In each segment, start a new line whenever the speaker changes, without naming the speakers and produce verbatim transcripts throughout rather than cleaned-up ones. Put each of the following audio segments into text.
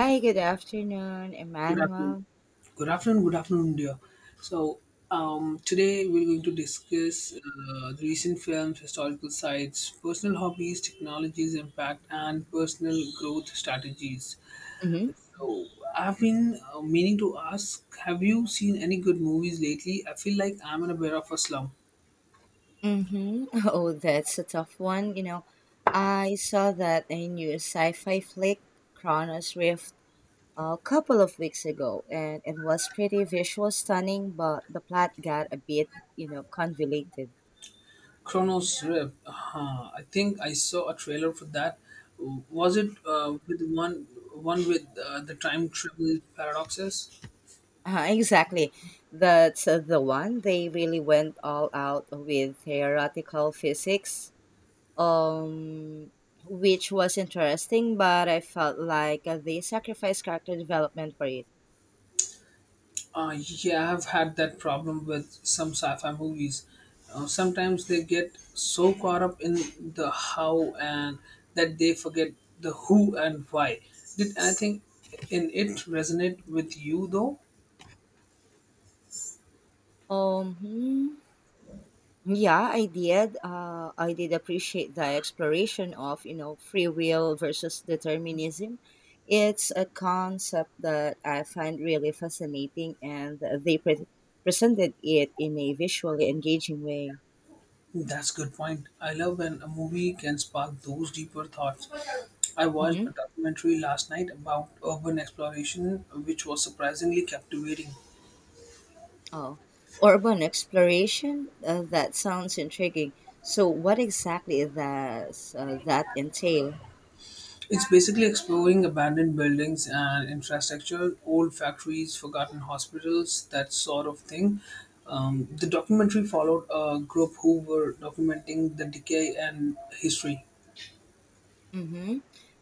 Hi, good afternoon,
Good afternoon.
Emmanuel.
Good afternoon. Good afternoon, dear. So, um, Today we're going to discuss uh, the recent films, historical sites, personal hobbies, technologies impact, and personal growth strategies.
Hmm.
So, I've been uh, meaning to ask: Have you seen any good movies lately? I feel like I'm in a bit of a slump.
Mm-hmm. Oh, that's a tough one. You know, I saw that a new sci-fi flick, Chronos Rift, a couple of weeks ago, and it was pretty visual stunning, but the plot got a bit, you know, convoluted.
Chronos Rift. Uh, I think I saw a trailer for that. Was it uh, with one one with uh, the time travel paradoxes?
Uh, exactly. That's uh, the one. They really went all out with theoretical physics, um, which was interesting, but I felt like uh, they sacrificed character development for it.
Uh, yeah, I've had that problem with some sci-fi movies. Uh, sometimes they get so caught up in the how and that they forget the who and why. Did anything in it resonate with you though?
Um, hmm, yeah, I did. Uh, I did appreciate the exploration of, you know free will versus determinism. It's a concept that I find really fascinating, and they pre- presented it in a visually engaging way.
That's a good point. I love when a movie can spark those deeper thoughts. I watched a
Mhm.
documentary last night about urban exploration, which was surprisingly captivating.
Oh, urban exploration? Uh, that sounds intriguing. So, what exactly does uh, that entail?
It's basically exploring abandoned buildings and infrastructure, old factories, forgotten hospitals, that sort of thing. Um, the documentary followed a group who were documenting the decay and history.
Mm-hmm.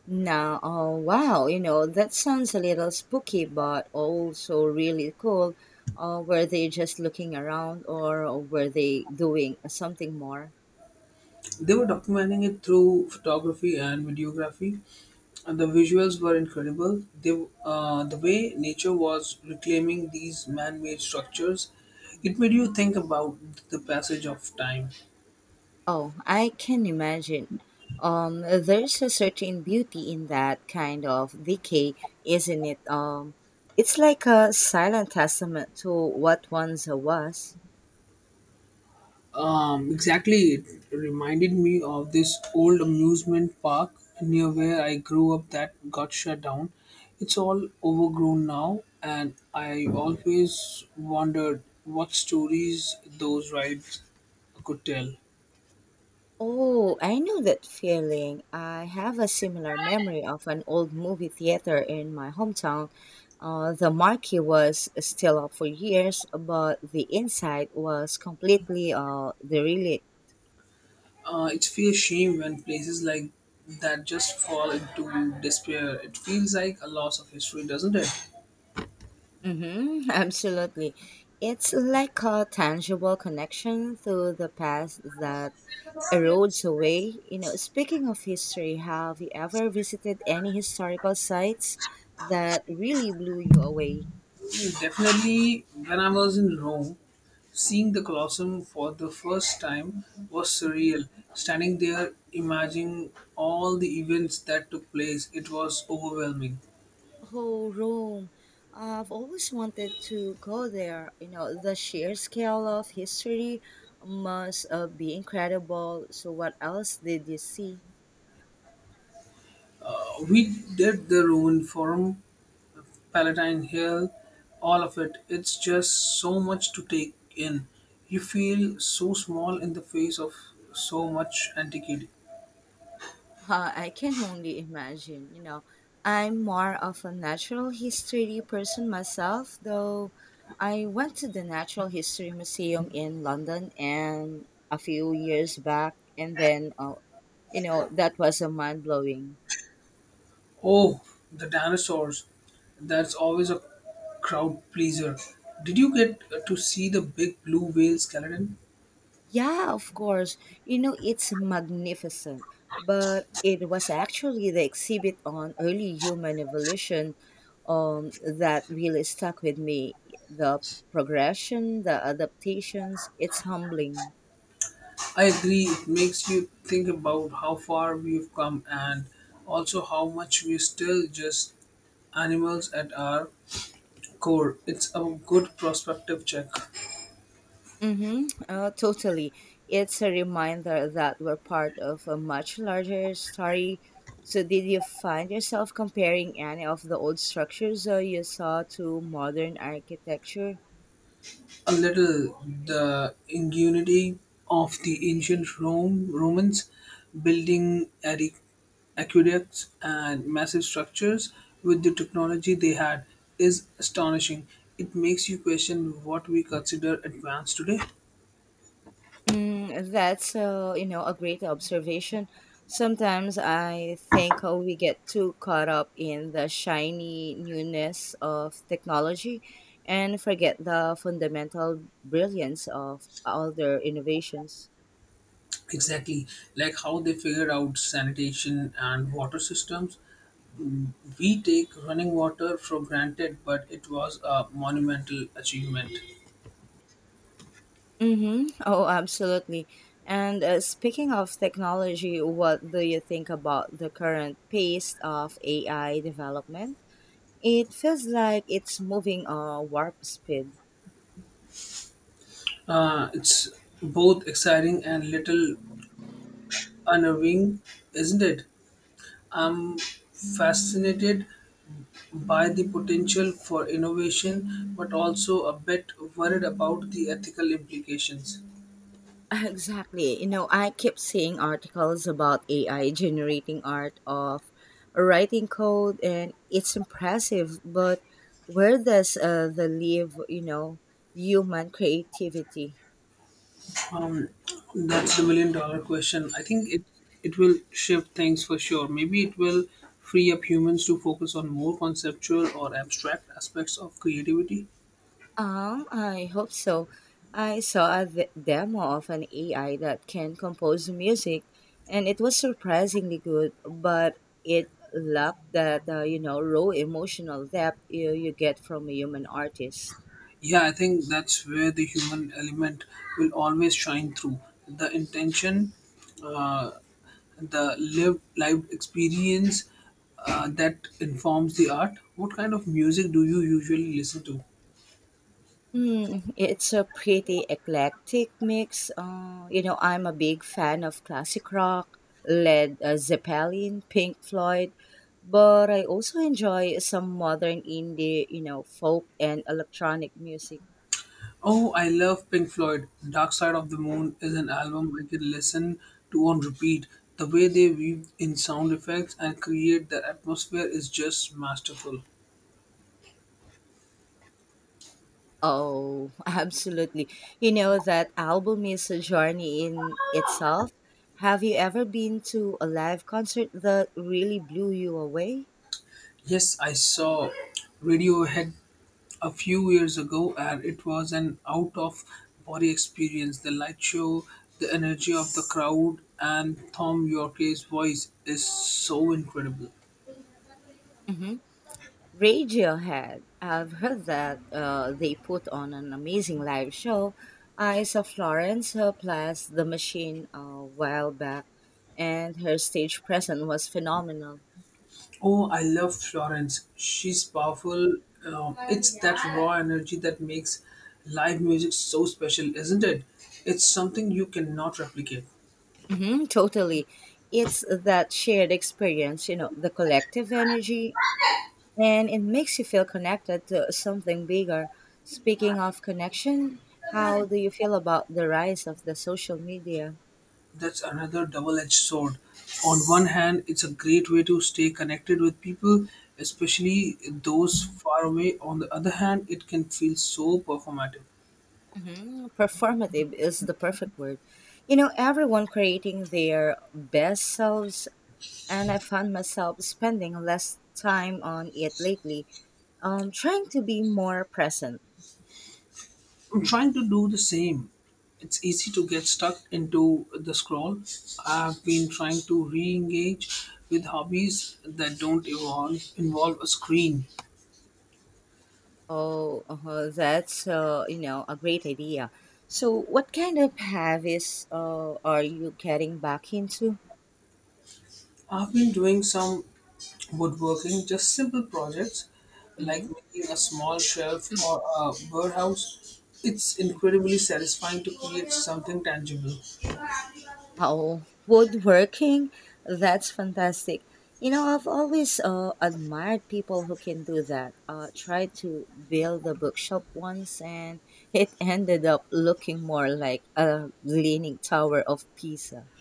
Now, oh, wow, you know, that sounds a little spooky, but also really cool. Uh, were they just looking around or were they doing something more?
They were documenting it through photography and videography, and the visuals were incredible. They, uh, the way nature was reclaiming these man made structures, it
Mhm.
made you think about the passage of time.
Oh, I can imagine. Um, there's a certain beauty in that kind of decay, isn't it? Um, it's like a silent testament to what once was.
Um, exactly. It reminded me of this old amusement park near where I grew up that got shut down. It's all overgrown now, and I always wondered what stories those rides could tell.
Oh, I know that feeling. I have a similar memory of an old movie theater in my hometown. Uh, the marquee was still up for years, but the inside was completely uh, dereli-
Uh, it's feel shame when places like that just fall into despair. It feels like a loss of history, doesn't it?
Mm-hmm, absolutely. It's like a tangible connection to the past that erodes away. You know, speaking of history, have you ever visited any historical sites that really blew you away?
Definitely, when I was in Rome, seeing the Colosseum for the first time was
Mm-hmm.
surreal. Standing there, imagining all the events that took place, it was overwhelming.
Oh, Rome. I've always wanted to go there. You know, the sheer scale of history must uh, be incredible. So, what else did you see?
Uh, We did the Roman Forum, Palatine Hill, all of it. It's just so much to take in. You feel so small in the face of so much antiquity.
Uh, I can only imagine, you know. I'm more of a natural history person myself, though I went to the Natural History Museum in London and a few years back, and then uh, you know, that was a mind blowing.
Oh, the dinosaurs. That's always a crowd pleaser. Did you get to see the big blue whale skeleton?
Yeah, of course. You know, it's magnificent. But it was actually the exhibit on early human evolution, um, that really stuck with me. The progression, the adaptations, it's humbling.
I agree. It makes you think about how far we've come and also how much we're still just animals at our core. It's a good perspective check.
Mm-hmm. Uh, totally. It's a reminder that we're part of a much larger story. So, did you find yourself comparing any of the old structures uh, you saw to modern architecture?
A little, the ingenuity of the ancient Rome Romans building adi- aqueducts and massive structures with the technology they had is astonishing. It makes you question what we consider advanced today.
Mm, that's, uh, you know a great observation. Sometimes I think uh, we get too caught up in the shiny newness of technology and forget the fundamental brilliance of other innovations.
Exactly, like how they figure out sanitation and water systems. We take running water for granted, but it was a monumental achievement.
Mm-hmm. Oh, absolutely. And uh, speaking of technology, what do you think about the current pace of A I development? It feels like it's moving uh, warp speed.
Uh, it's both exciting and little unnerving, isn't it? I'm fascinated by the potential for innovation, but also a bit worried about the ethical implications.
Exactly. You know, I keep seeing articles about A I generating art of writing code, and it's impressive. But where does uh, the leave, you know, human creativity?
Um, that's the million dollar question. I think it it will shift things for sure. Maybe it will free up humans to focus on more conceptual or abstract aspects of creativity.
Um, I hope so. I saw a v- demo of an A I that can compose music, and it was surprisingly good, but it lacked that, uh, you know, raw emotional depth you, you get from a human artist.
Yeah, I think that's where the human element will always shine through. The intention, uh, the lived lived experience uh, that informs the art. What kind of music do you usually listen to?
Hmm, it's a pretty eclectic mix. Uh, you know, I'm a big fan of classic rock, Led uh, Zeppelin, Pink Floyd, but I also enjoy some modern indie, you know, folk and electronic music.
Oh, I love Pink Floyd. Dark Side of the Moon is an album I can listen to on repeat. The way they weave in sound effects and create the atmosphere is just masterful.
Oh, absolutely. You know, that album is a journey in itself. Have you ever been to a live concert that really blew you away?
Yes, I saw Radiohead a few years ago, and it was an out of body experience. The light show, the energy of the crowd, and Tom Yorke's voice is so incredible.
Mhm. Radiohead. I've heard that uh, they put on an amazing live show. I saw Florence uh, plus The Machine a while back, and her stage presence was phenomenal.
Oh, I love Florence. She's powerful. Um, it's that raw energy that makes live music so special, isn't it? It's something you cannot replicate.
Hmm, totally. It's that shared experience, you know, the collective energy, and it makes you feel connected to something bigger. Speaking of connection, how do you feel about the rise of the social media?
That's another double edged sword. On one hand, it's a great way to stay connected with people, especially those far away. On the other hand, it can feel so performative.
Hmm. Performative is the perfect word. You know, everyone creating their best selves, and I found myself spending less time on it lately, um, trying to be more present.
I'm trying to do the same. It's easy to get stuck into the scroll. I've been trying to re-engage with hobbies that don't involve, involve a screen.
Oh, uh that's, uh, you know a great idea. So, what kind of habits uh, are you getting back into?
I've been doing some woodworking, just simple projects like
Mm-hmm.
making a small shelf or a birdhouse. It's incredibly satisfying to create something tangible.
Oh, woodworking? That's fantastic. You know, I've always uh, admired people who can do that. Uh, tried to build a bookshop once, and it ended up looking more like a leaning tower of Pisa.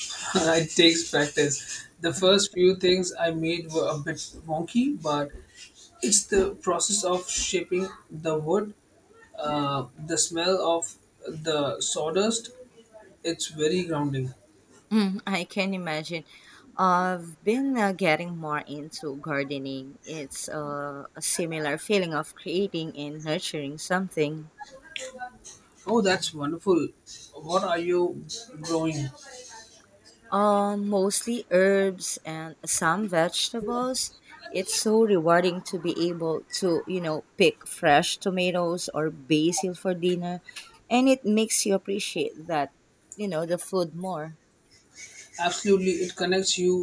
It takes practice. The first few things I made were a bit wonky, but it's the process of shaping the wood, uh, the smell of the sawdust. It's very grounding.
Mm, I can imagine. I've been uh, getting more into gardening. It's uh, a similar feeling of creating and nurturing something.
Oh, that's wonderful. What are you growing?
Um, mostly herbs and some vegetables. It's so rewarding to be able to, you know, pick fresh tomatoes or basil for dinner, and it makes you appreciate that, you know, the food more.
Absolutely, it connects you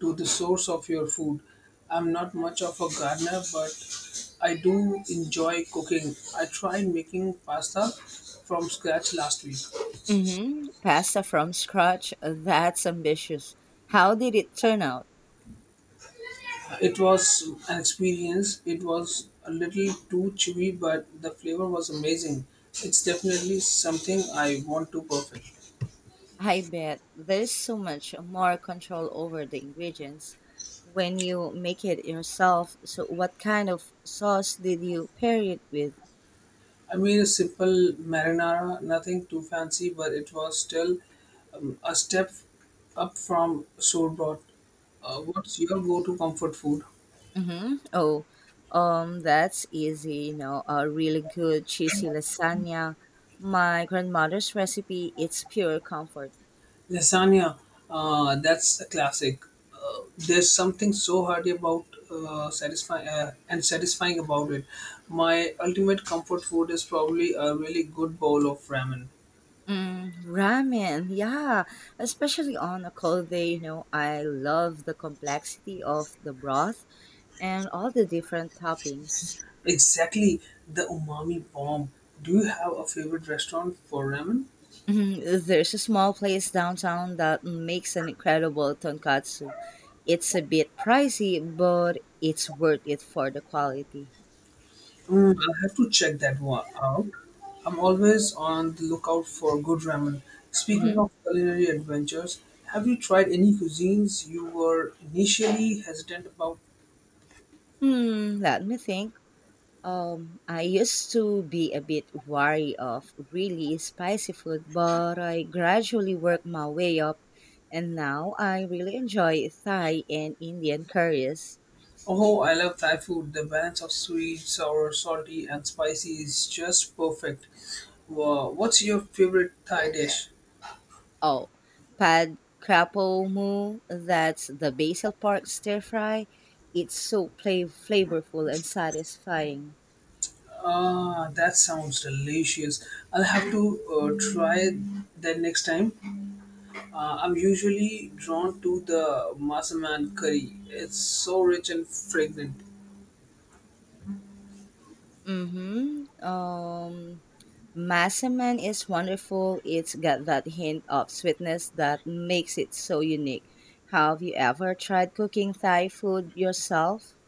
to the source of your food. I'm not much of a gardener, but I do enjoy cooking. I tried making pasta from scratch last week.
Mm-hmm. Pasta from scratch. That's ambitious. How did it turn out?
It was an experience. It was a little too chewy, but the flavor was amazing. It's definitely something I want to perfect.
I bet there's so much more control over the ingredients when you make it yourself. So, what kind of sauce did you pair it with?
I made a simple marinara, nothing too fancy, but it was still um, a step up from sorbet. Uh, what's your go-to comfort food?
Mm-hmm. Oh, um, that's easy. You know, a really good cheesy lasagna. My grandmother's recipe, it's pure comfort.
Lasagna, uh, that's a classic. Uh, there's something so hearty about uh, satisfying uh, and satisfying about it. My ultimate comfort food is probably a really good bowl of ramen.
Mm, ramen, yeah, especially on a cold day, you know, I love the complexity of the broth and all the different toppings.
Exactly, the umami bomb. Do you have a favorite restaurant for ramen?
Mhm. There's a small place downtown that makes an incredible tonkatsu. It's a bit pricey, but it's worth it for the quality.
Mm, I'll have to check that one out. I'm always on the lookout for good ramen. Speaking
Hmm.
of culinary adventures, have you tried any cuisines you were initially hesitant about?
Hmm, let me think. Um, I used to be a bit wary of really spicy food, but I gradually worked my way up, and now I really enjoy Thai and Indian curries.
Oh, I love Thai food. The balance of sweet, sour, salty, and spicy is just perfect. Wow. What's your favorite Thai dish?
Oh, pad krapo mu, that's the basil pork stir fry. It's so play- flavorful and satisfying.
Ah, that sounds delicious. I'll have to uh, try that next time. Uh, I'm usually drawn to the massaman curry. It's so rich and fragrant.
Mm-hmm. Um, Massaman is wonderful. It's got that hint of sweetness that makes it so unique. Have you ever tried cooking Thai food yourself?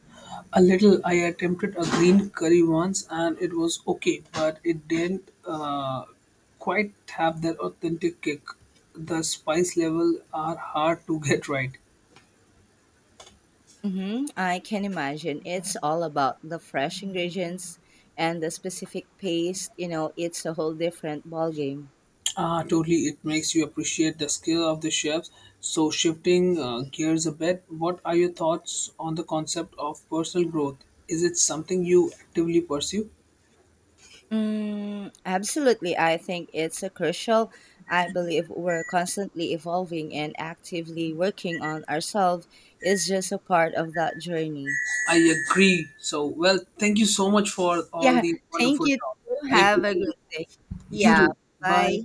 A little. I attempted a green curry once and it was okay, but it didn't uh, quite have that authentic kick. The spice level are hard to get right.
Mm-hmm. I can imagine. It's all about the fresh ingredients and the specific paste. You know, it's a whole different ballgame.
Ah, totally. It makes you appreciate the skill of the chefs. So, shifting uh, gears a bit, what are your thoughts on the concept of personal growth? Is it something you actively pursue?
Mm, absolutely. I think it's a crucial. I believe we're constantly evolving and actively working on ourselves is just a part of that journey.
I agree. So, well, thank you so much for all
Yeah,
the
thank
wonderful
you,
talk.
too.
I
Have a
appreciate it.
good day.
You
Yeah,
too. Bye.
bye.